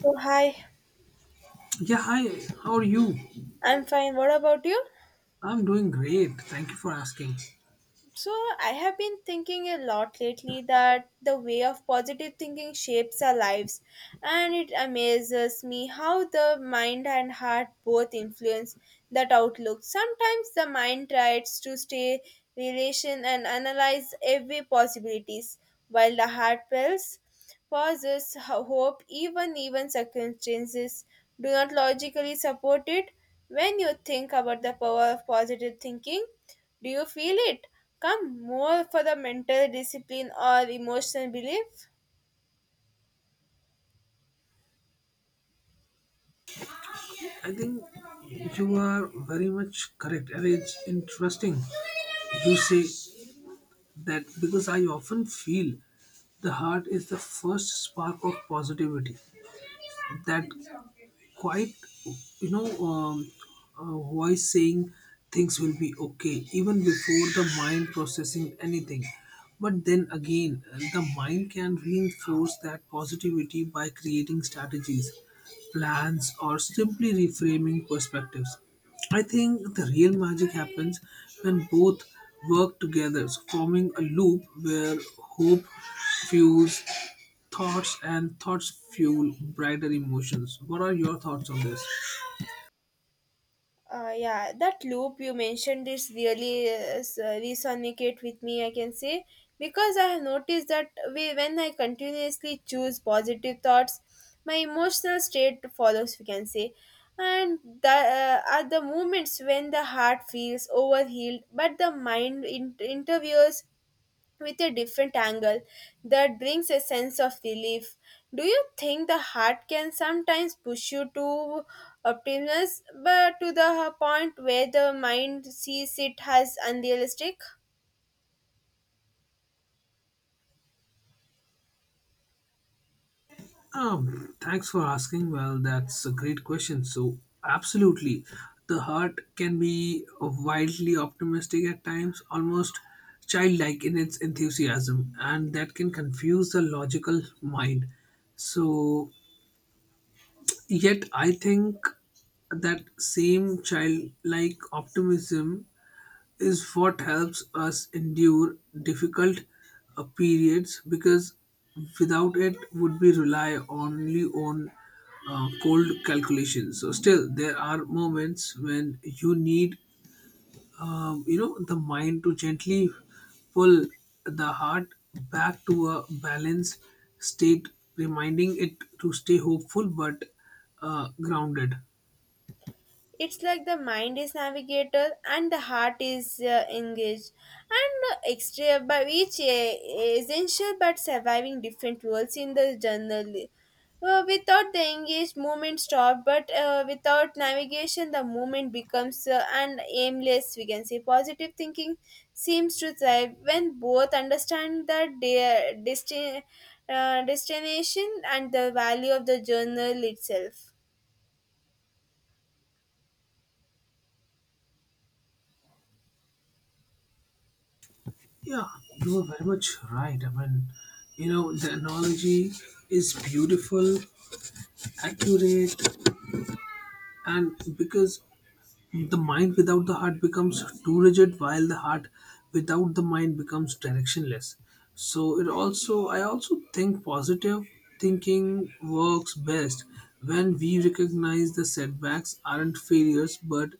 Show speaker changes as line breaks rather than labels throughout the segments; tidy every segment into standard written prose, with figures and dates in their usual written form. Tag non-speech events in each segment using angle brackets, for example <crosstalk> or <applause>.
So, hi,
Yeah, hi. How are you?
I'm fine. What about you?
I'm doing great. Thank you for asking.
So, I have been thinking a lot lately that the way of positive thinking shapes our lives, and it amazes me how the mind and heart both influence that outlook. Sometimes the mind tries to stay relation and analyze every possibilities, while the heart dwells, pauses, hope, even circumstances do not logically support it. When you think about the power of positive thinking do you feel it? Come more for the mental discipline or emotional belief?
I think you are very much correct, and it's interesting you say that because I often feel the heart is the first spark of positivity that quite you know um, voice saying things will be okay even before the mind processing anything, but then again the mind can reinforce that positivity by creating strategies, plans, or simply reframing perspectives. I think the real magic happens when both work together, forming a loop where hope fuels thoughts and thoughts fuel brighter emotions. What are your thoughts on this?
Yeah, that loop you mentioned is really resonate with me, I can say, because I have noticed that when I continuously choose positive thoughts, my emotional state follows, we can say. And are the moments when the heart feels overhealed, but the mind interviews with a different angle that brings a sense of relief. Do you think the heart can sometimes push you to optimism, but to the point where the mind sees it as unrealistic?
Thanks for asking. Well, that's a great question. So, absolutely, the heart can be wildly optimistic at times, almost childlike in its enthusiasm, and that can confuse the logical mind. So, yet, I think that same childlike optimism is what helps us endure difficult periods, because without it would be rely only on cold calculations. So still there are moments when you need you know, the mind to gently pull the heart back to a balanced state, reminding it to stay hopeful but grounded.
It's like the mind is navigator and the heart is engaged, and extra by each essential but surviving different roles in the journal. Without the engaged, movement stop, but without navigation, the movement becomes an aimless. We can say positive thinking seems to thrive when both understand the destination and the value of the journal itself.
Yeah, you are very much right. I mean, you know, the analogy is beautiful, accurate, and because the mind without the heart becomes too rigid, while the heart without the mind becomes directionless. So it also, I also think positive thinking works best when we recognize the setbacks aren't failures but,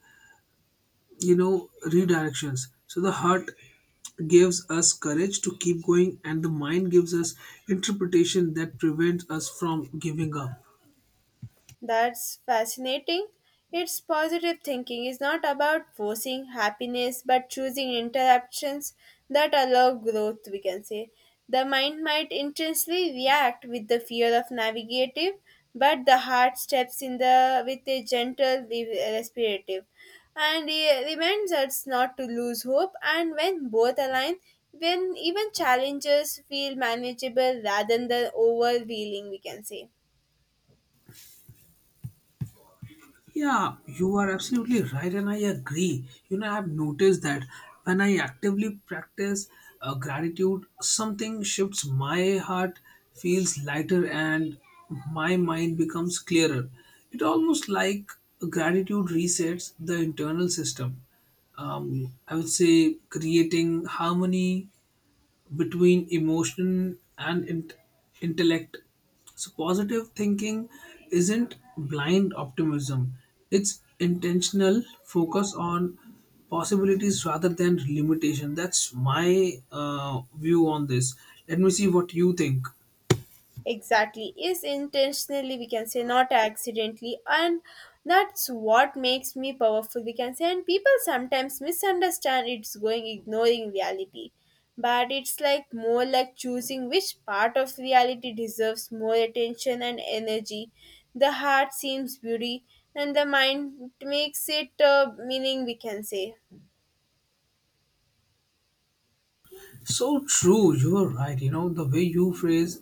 you know, redirections. So the heart gives us courage to keep going and the mind gives us interpretation that prevents us from giving up.
That's fascinating. It's positive thinking is not about forcing happiness but choosing interruptions that allow growth, we can say. The mind might intensely react with the fear of navigative, but the heart steps in the with a gentle respirative and it reminds us not to lose hope and when both align when even challenges feel manageable rather than overwhelming we can say
Yeah, you are absolutely right, and I agree. You know, I've noticed that when I actively practice gratitude, something shifts. My heart feels lighter and my mind becomes clearer. It almost like gratitude resets the internal system. I would say creating harmony between emotion and intellect. So, positive thinking isn't blind optimism, it's intentional focus on possibilities rather than limitation. That's my view on this. Let me see what you think.
exactly is intentionally we can say not accidentally and that's what makes me powerful we can say and people sometimes misunderstand it's going ignoring reality but it's like more like choosing which part of reality deserves more attention and energy the heart seems beauty and the mind makes it meaning we can say.
So true, you are right. You know, the way you phrase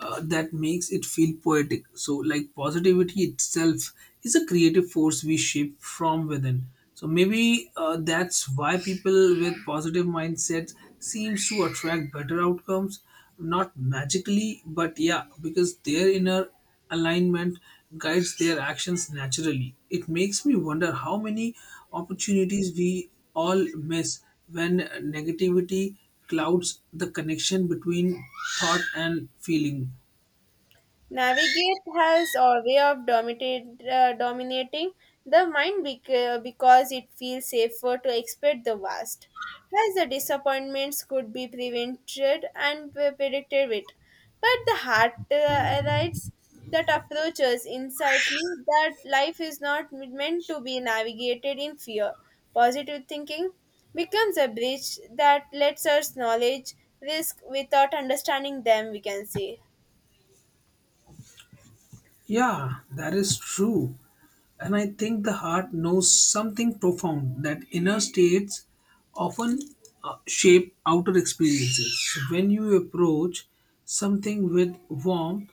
that makes it feel poetic. So, like, positivity itself is a creative force we shape from within. So, maybe that's why people with positive mindsets seems to attract better outcomes, not magically, but yeah, because their inner alignment guides their actions naturally. It makes me wonder how many opportunities we all miss when negativity clouds the connection between thought and feeling.
Navigate has a way of dominating the mind because it feels safer to expect the vast, as the disappointments could be prevented and predicted with. But the heart writes that approaches insightly that life is not meant to be navigated in fear. Positive thinking becomes a bridge that lets us knowledge risk without understanding them, we can say.
Yeah, that is true. And I think the heart knows something profound, that inner states often shape outer experiences. When you approach something with warmth,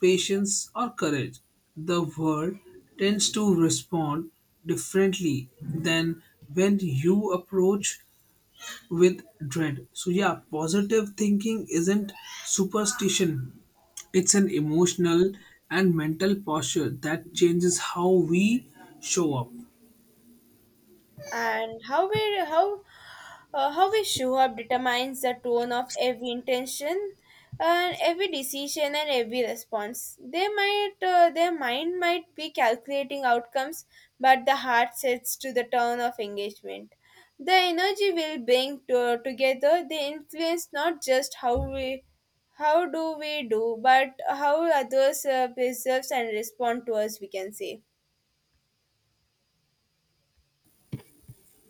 patience, or courage, the world tends to respond differently than when you approach with dread. So, yeah, positive thinking isn't superstition, it's an emotional and mental posture that changes how we show up.
And how we show up determines the tone of every intention and every decision and every response they might their mind might be calculating outcomes but the heart sets to the tone of engagement the energy will bring to, together they influence not just how we how do we do but how others preserves and respond to us we can say.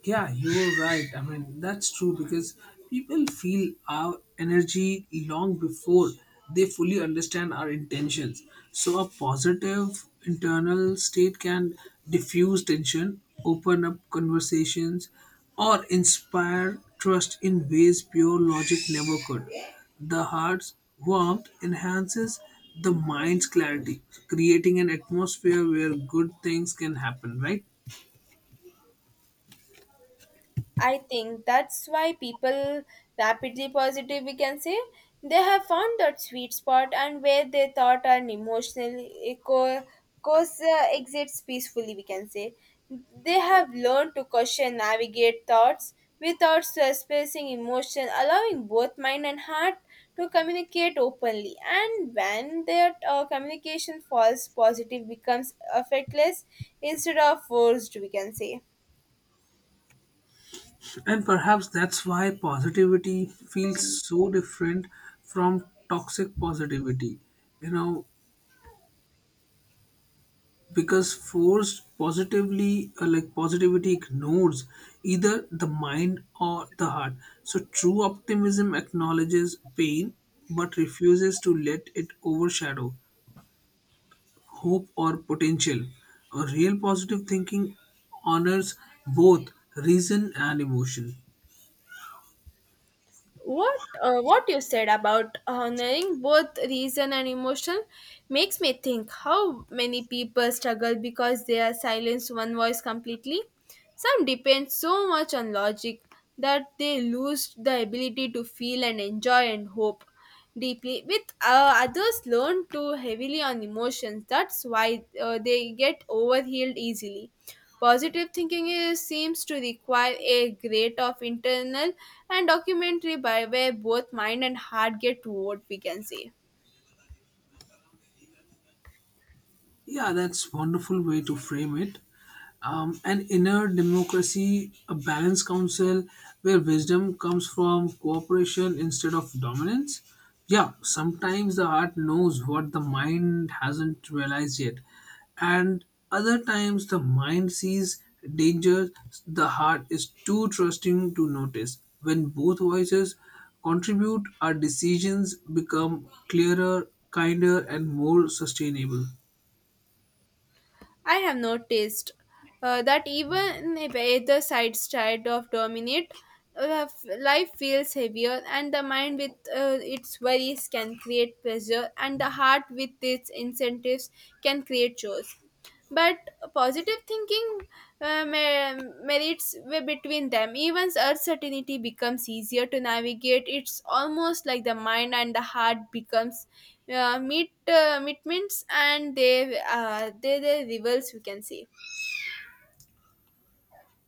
Yeah, you were right. I mean, that's true because people feel our energy long before they fully understand our intentions. So, a positive internal state can diffuse tension, open up conversations, or inspire trust in ways pure logic never could. The heart's warmth enhances the mind's clarity, creating an atmosphere where good things can happen, right?
I think that's why people rapidly positive we can say they have found that sweet spot and where they thought and emotional co- course exits peacefully we can say they have learned to question navigate thoughts without surfacing emotion allowing both mind and heart to communicate openly and when their communication falls positive becomes effortless instead of forced we can say.
And perhaps that's why positivity feels so different from toxic positivity. You know, because forced positively, like positivity ignores either the mind or the heart. So true optimism acknowledges pain but refuses to let it overshadow hope or potential. A real positive thinking honors both reason and emotion.
What you said about honoring both reason and emotion makes me think how many people struggle because they are silenced one voice completely some depend so much on logic that they lose the ability to feel and enjoy and hope deeply with others learn too heavily on emotions that's why they get overhealed easily positive thinking seems to require a great of internal and documentary by where both mind and heart get what we can say.
Yeah, that's wonderful way to frame it. An inner democracy, a balanced council where wisdom comes from cooperation instead of dominance. Yeah, sometimes the heart knows what the mind hasn't realized yet, and other times the mind sees danger the heart is too trusting to notice. When both voices contribute, our decisions become clearer, kinder, and more sustainable.
I have noticed that even if either side tried of dominate, life feels heavier, and the mind with its worries can create pressure, and the heart with its incentives can create chores but positive thinking merits way between them even uncertainty becomes easier to navigate it's almost like the mind and the heart becomes meetments and they rivals we can say.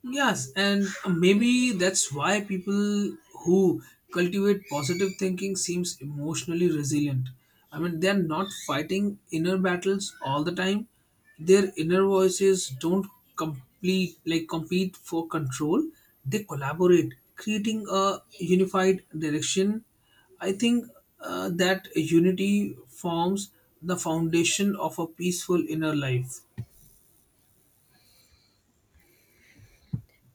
Yes, and maybe that's why people who cultivate positive thinking seems emotionally resilient. I mean, they're not fighting inner battles all the time. Their inner voices don't complete like compete for control. They collaborate, creating a unified direction. I think that unity forms the foundation of a peaceful inner life.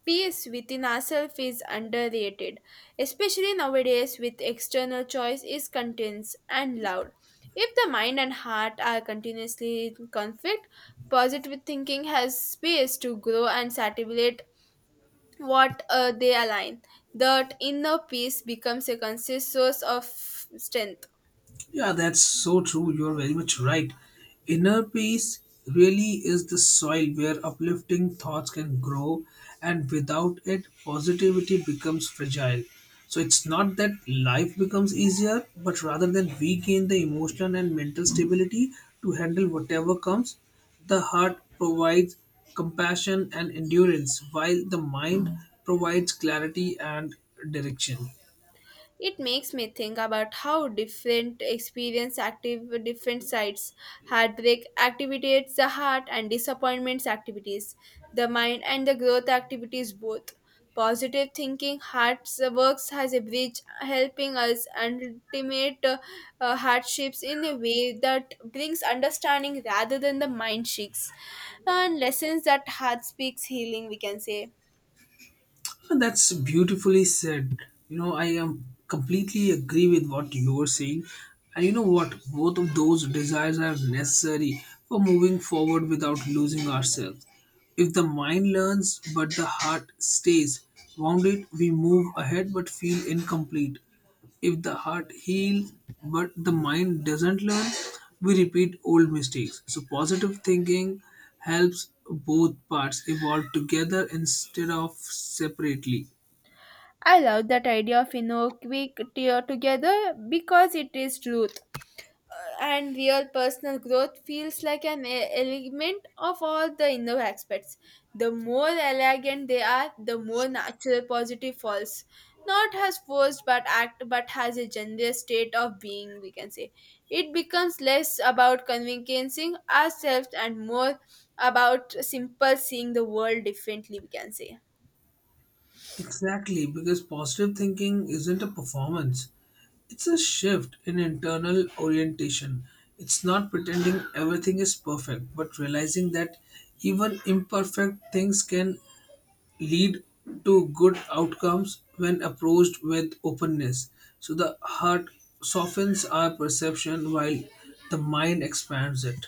Peace within ourselves is underrated, especially nowadays with external choice is intense and loud. If the mind and heart are continuously in conflict, positive thinking has space to grow and satisfy what they align. That inner peace becomes a conscious source of strength.
Yeah, that's so true. You're very much right. Inner peace really is the soil where uplifting thoughts can grow, and without it, positivity becomes fragile. So it's not that life becomes easier, but rather than we gain the emotional and mental stability to handle whatever comes. The heart provides compassion and endurance, while the mind provides clarity and direction.
It makes me think about how different experience active different sides. Heartbreak activates the heart and disappointments activities, the mind and the growth activities both. Positive thinking hearts works as a bridge helping us ultimate hardships in a way that brings understanding rather than the mind shakes and lessons that heart speaks healing we can say.
Huh, that's beautifully said. You know, I am completely agree with what you were saying. And you know what? Both of those desires are necessary for moving forward without losing ourselves. If the mind learns but the heart stays wounded, we move ahead but feel incomplete. If the heart heals but the mind doesn't learn, we repeat old mistakes. So, positive thinking helps both parts evolve together instead of separately.
I love that idea of Inoquick tear together because it is truth uh, and real personal growth feels like an element of all the inner aspects. The more elegant they are, the more natural positive falls. Not as forced but act but has a generous state of being, we can say. It becomes less about convincing ourselves and more about simple seeing the world differently, we can say.
Exactly, because positive thinking isn't a performance, it's a shift in internal orientation. It's not pretending everything is perfect, but realizing that even imperfect things can lead to good outcomes when approached with openness. So the heart softens our perception while the mind expands it.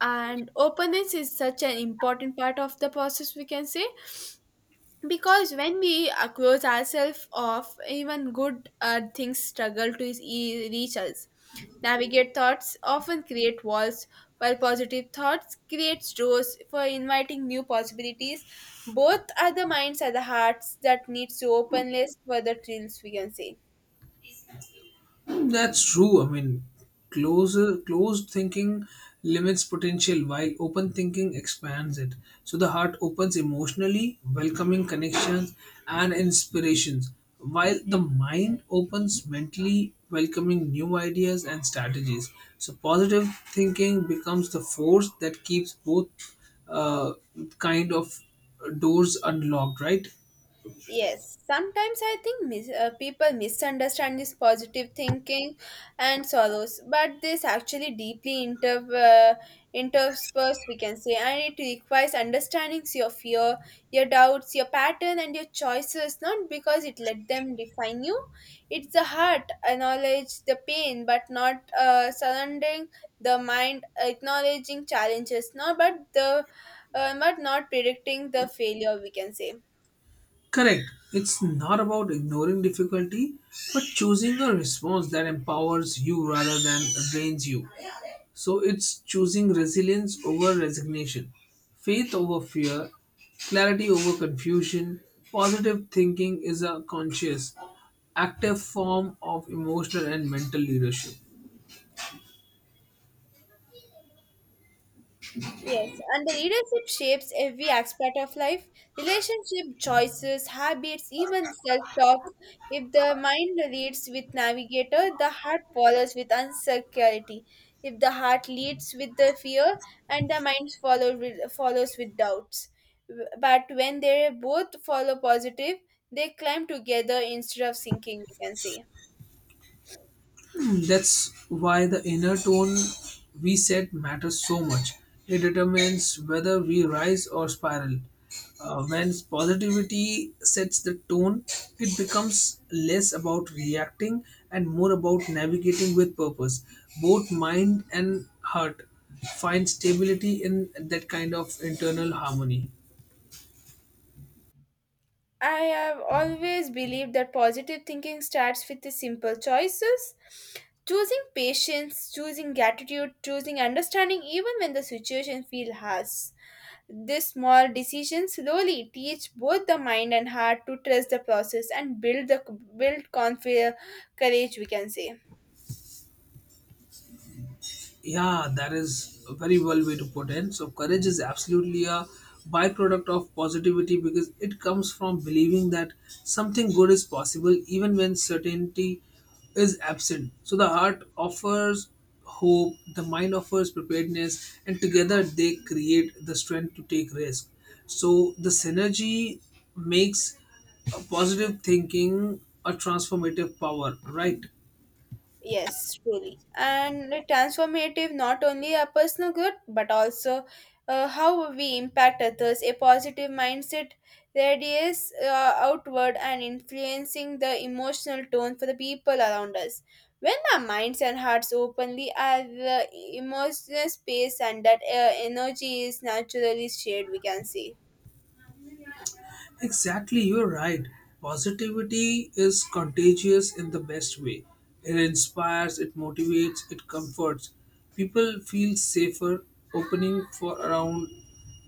And openness is such an important part of the process we can say because when we close ourselves off even good things struggle to reach us navigate thoughts often create walls while positive thoughts creates doors for inviting new possibilities both are the minds are the hearts that needs to openness for the trills we can say.
Hmm, that's true. I mean, closed thinking limits potential while open thinking expands it. So the heart opens emotionally, welcoming connections and inspirations, while the mind opens mentally, welcoming new ideas and strategies. So positive thinking becomes the force that keeps both uh, kind of doors unlocked, right?
Yes, sometimes I think people misunderstand this positive thinking and sorrows, but this actually deeply interspersed, we can say, and it requires understanding your fear, your doubts, your pattern, and your choices, not because it let them define you. It's the heart, acknowledge the pain, but not surrendering the mind, acknowledging challenges, not but the but not predicting the failure, we can say.
Correct. It's not about ignoring difficulty, but choosing a response that empowers you rather than drains you. So it's choosing resilience over resignation, faith over fear, clarity over confusion. Positive thinking is a conscious, active form of emotional and mental leadership.
Yes, and the leadership shapes every aspect of life relationship, choices, habits, even self talk. If the mind leads with navigator, the heart follows with insecurity. If the heart leads with the fear, and the follows with doubts. But when they both follow positive, they climb together instead of sinking, we can say.
<clears throat> That's why the inner tone we set matters so much. It determines whether we rise or spiral. When positivity sets the tone, it becomes less about reacting and more about navigating with purpose. Both mind and heart find stability in that kind of internal harmony.
I have always believed that positive thinking starts with the simple choices. Choosing patience, choosing gratitude, choosing understanding even when the situation feels harsh. These small decisions slowly teach both the mind and heart to trust the process and build the build confi- courage we can say.
Yeah, that is a very well way to put in. So courage is absolutely a byproduct of positivity because it comes from believing that something good is possible even when certainty is absent. So the heart offers hope, the mind offers preparedness, and together they create the strength to take risk. So the synergy makes a positive thinking a transformative power, right?
Yes, truly. And transformative not only our personal good but also how we impact others. A positive mindset radiates outward and influencing the emotional tone for the people around us. When our minds and hearts openly have emotional space and that energy is naturally shared, we can see.
Exactly, you're right. Positivity is contagious in the best way. It inspires, it motivates, it comforts. People feel safer opening for around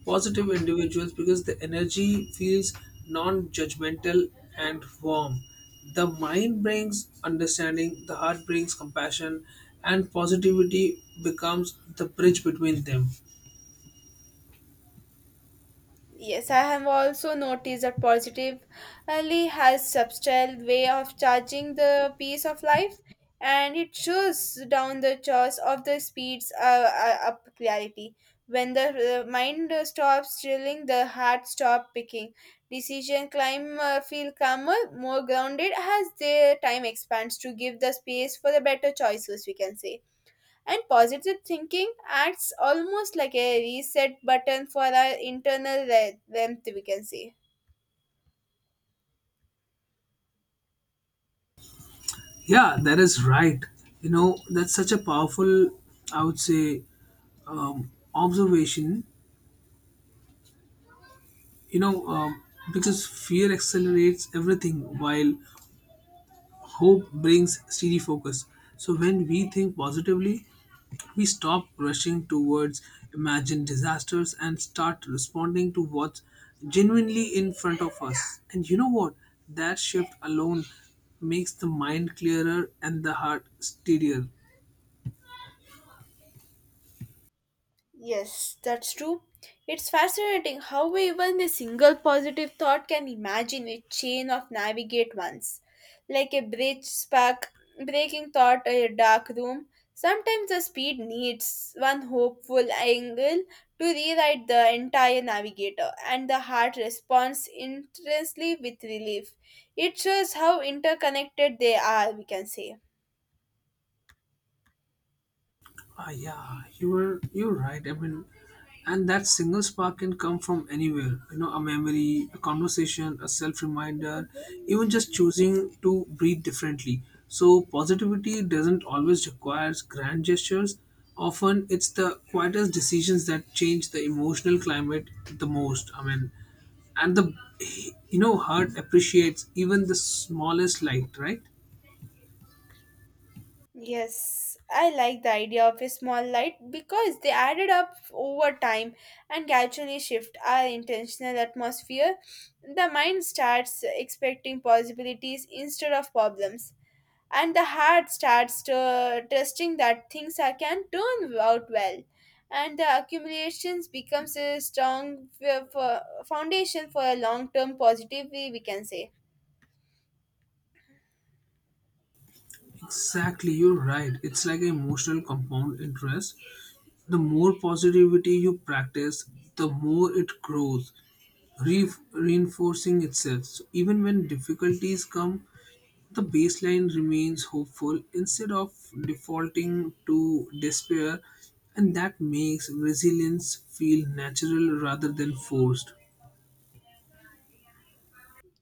positive individuals because the energy feels non-judgmental and warm. The mind brings understanding, the heart brings compassion, and positivity becomes the bridge between them.
Yes, I have also noticed that positively has subtle way of charging the pace of life, and it shows down the chores of the speeds up clarity. When the mind stops drilling, the heart stop picking. Decision climb feel calmer, more grounded as the time expands to give the space for the better choices. We can say. And positive thinking acts almost like a reset button for our internal rent, we can say.
Yeah, that is right. You know, that's such a powerful, I would say, observation, you know, um, because fear accelerates everything while hope brings steady focus. So when we think positively, we stop rushing towards imagined disasters and start responding to what's genuinely in front of us. And you know what? That shift alone makes the mind clearer and the heart steadier.
Yes, that's true. It's fascinating how even a single positive thought can imagine a chain of navigate ones, like a bridge spark breaking thought in a dark room. Sometimes the speed needs one hopeful angle to rewrite the entire navigator, and the heart responds intensely with relief. It shows how interconnected they are, we can say.
Ah, yeah, you're right. I mean, and that single spark can come from anywhere. You know, a memory, a conversation, a self reminder, even just choosing to breathe differently. So positivity doesn't always require grand gestures. Often, it's the quietest decisions that change the emotional climate the most. I mean, and the, you know, heart appreciates even the smallest light, right?
Yes, I like the idea of a small light because they added up over time and gradually shift our intentional atmosphere. The mind starts expecting possibilities instead of problems, and the heart starts trusting that things can turn out well. And the accumulations becomes a strong foundation for a long-term positivity, we can say.
Exactly, you're right. It's like an emotional compound interest. The more positivity you practice, the more it grows, reinforcing itself. So even when difficulties come, the baseline remains hopeful instead of defaulting to despair, and that makes resilience feel natural rather than forced.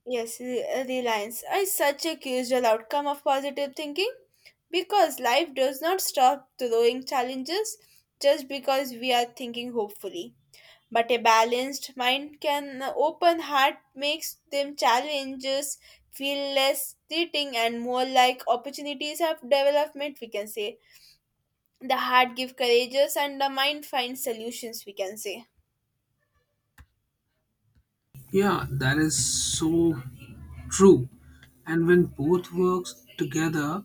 Yes, reliance is such a crucial outcome of positive thinking because life does not stop throwing challenges just because we are thinking hopefully. But a balanced mind can open heart makes them challenges feel less threatening and more like opportunities of development we can say. The heart gives courageous and the mind finds solutions we can say.
Yeah, that is so true. And when both works together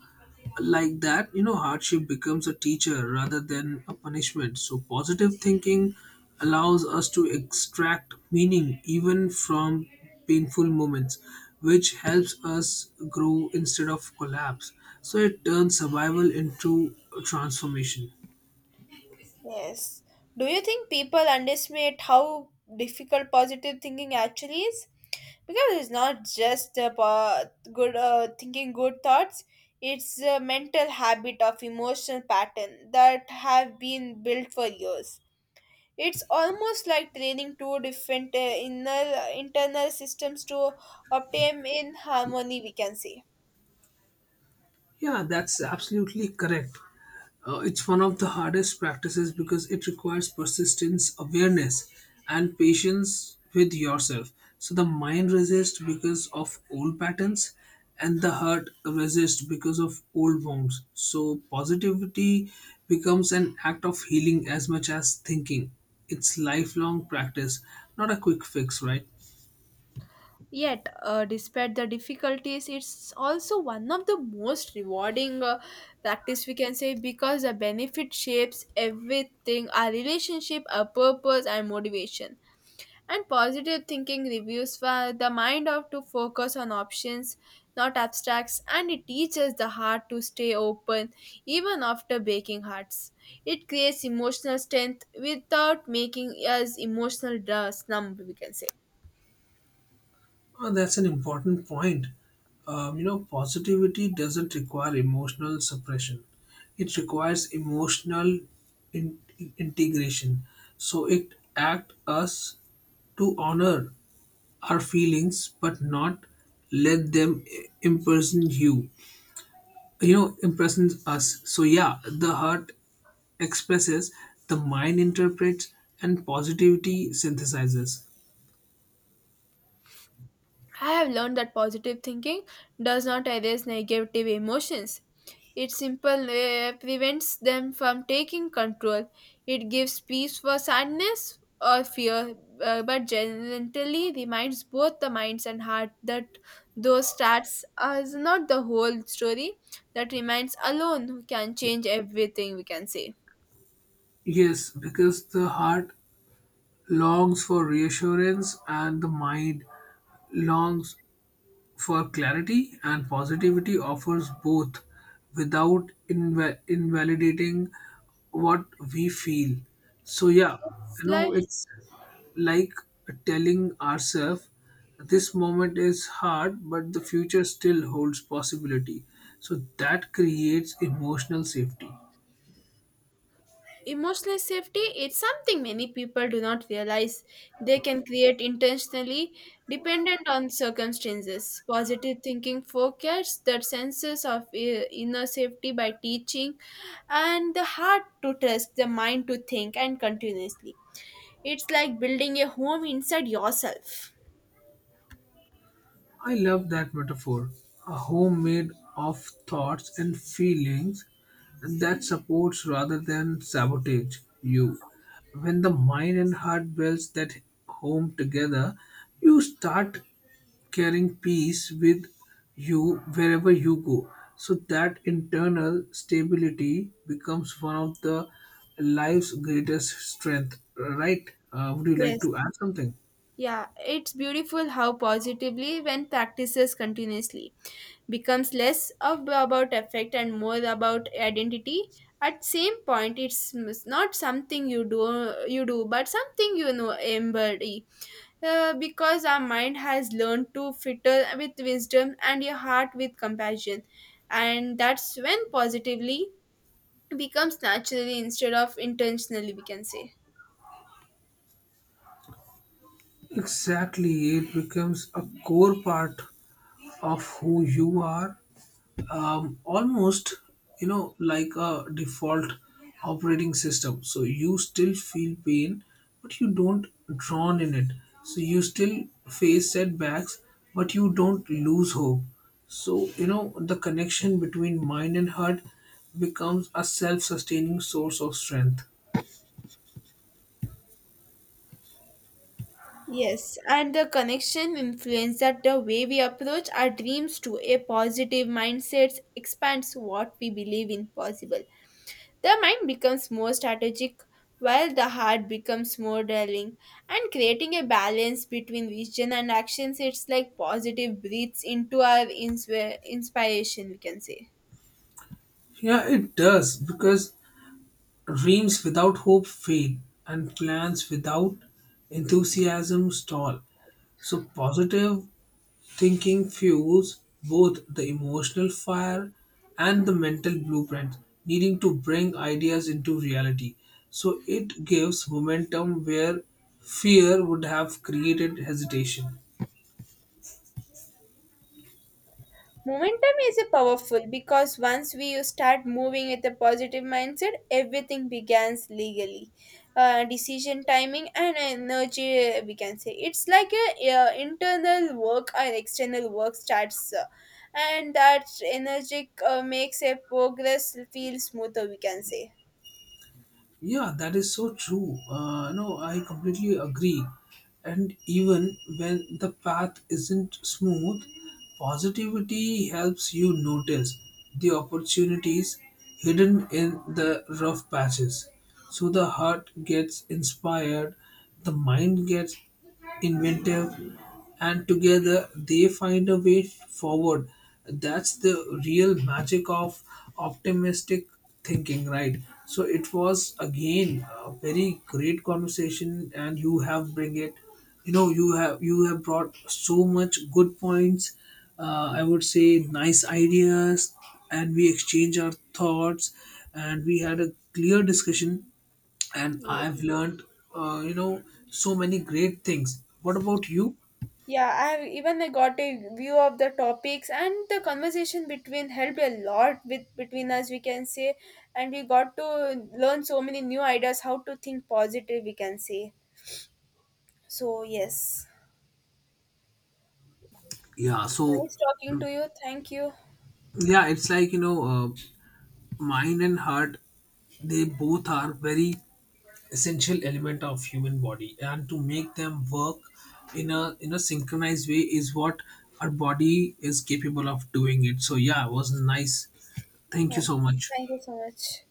like that, you know, hardship becomes a teacher rather than a punishment. So positive thinking allows us to extract meaning even from painful moments, which helps us grow instead of collapse. So it turns survival into transformation.
Yes. Do you think people underestimate how difficult positive thinking actually is? Because it's not just about good thinking good thoughts, it's a mental habit of emotional pattern that have been built for years. It's almost like training two different inner internal systems to obtain in harmony, we can say.
Yeah, that's absolutely correct. It's one of the hardest practices because it requires persistence, awareness, and patience with yourself. So the mind resists because of old patterns, and the heart resists because of old wounds. So positivity becomes an act of healing as much as thinking. It's lifelong practice, not a quick fix, right?
Yet, despite the difficulties, it's also one of the most rewarding practice we can say because the benefit shapes everything our relationship, our purpose, and motivation. And positive thinking reviews for the mind of to focus on options, not abstracts, and it teaches the heart to stay open even after breaking hearts. It creates emotional strength without making us emotional slump, we can say.
Oh, that's an important point. You know, positivity doesn't require emotional suppression. It requires emotional in- integration. So it acts us to honor our feelings, but not let them imprison you. You know, imprison us. So yeah, the heart expresses, the mind interprets, and positivity synthesizes.
I have learned that positive thinking does not erase negative emotions. It simply prevents them from taking control. It gives peace for sadness or fear, but gently reminds both the minds and heart that those stats are not the whole story. That remains alone can change everything, we can say.
Yes, because the heart longs for reassurance and the mind longs for clarity, and positivity offers both without invalidating what we feel. So yeah,
It's
you know,
like
it's like telling ourselves this moment is hard but the future still holds possibility, so that creates emotional safety.
emotional safety is something many people do not realize they can create intentionally dependent on circumstances. Positive thinking focuses that senses of inner safety by teaching and the heart to trust, the mind to think and continuously. It's like building a home inside yourself.
I love that metaphor. A homemade of thoughts and feelings that supports rather than sabotage you. When the mind and heart builds that home together, you start carrying peace with you wherever you go. So that internal stability becomes one of the life's greatest strength. Right? Would you like
Yes.
to add something?
Yeah, it's beautiful how positively when practices continuously becomes less of about effect and more about identity at same point it's not something you do but something you know embody. Because our mind has learned to fitter with wisdom and your heart with compassion and that's when positively becomes naturally instead of intentionally we can say.
Exactly, it becomes a core part of who you are, almost, you know, like a default operating system. So you still feel pain, but you don't drown in it. So you still face setbacks, but you don't lose hope. So, you know, the connection between mind and heart becomes a self sustaining source of strength.
Yes, and the connection influence that the way we approach our dreams to a positive mindset expands what we believe in possible. The mind becomes more strategic while the heart becomes more daring and creating a balance between vision and actions it's like positive breathes into our inspiration we can say.
Yeah, it does because dreams without hope fade, and plans without enthusiasm stall. So, positive thinking fuels both the emotional fire and the mental blueprint, needing to bring ideas into reality. So, it gives momentum where fear would have created hesitation.
Momentum is a powerful because once we start moving with a positive mindset, everything begins legally. Decision timing and energy, we can say it's like a internal work and external work starts, and that energy makes a progress feel smoother. We can say.
Yeah, that is so true. No, I completely agree. And even when the path isn't smooth, positivity helps you notice the opportunities hidden in the rough patches. So the heart gets inspired, the mind gets inventive, and together they find a way forward. That's the real magic of optimistic thinking, right? So it was again a very great conversation, and you have bring it. You know, you have brought so much good points. I would say nice ideas, and we exchange our thoughts, and we had a clear discussion and I've
Yes.
learned, you know, so many great things. What about you?
Yeah, I have even I got a view of the topics and the conversation between helped a lot with between us we can say and we got to learn so many new ideas how to think positive we can say. So yes.
Yeah, so
Nice talking to you. Thank you.
yeah, it's like, you know, mind and heart. They both are very essential element of human body, and to make them work in a synchronized way is what our body is capable of doing. It. So yeah, it was nice. Thank
Yeah.
you so much.
Thank you so much.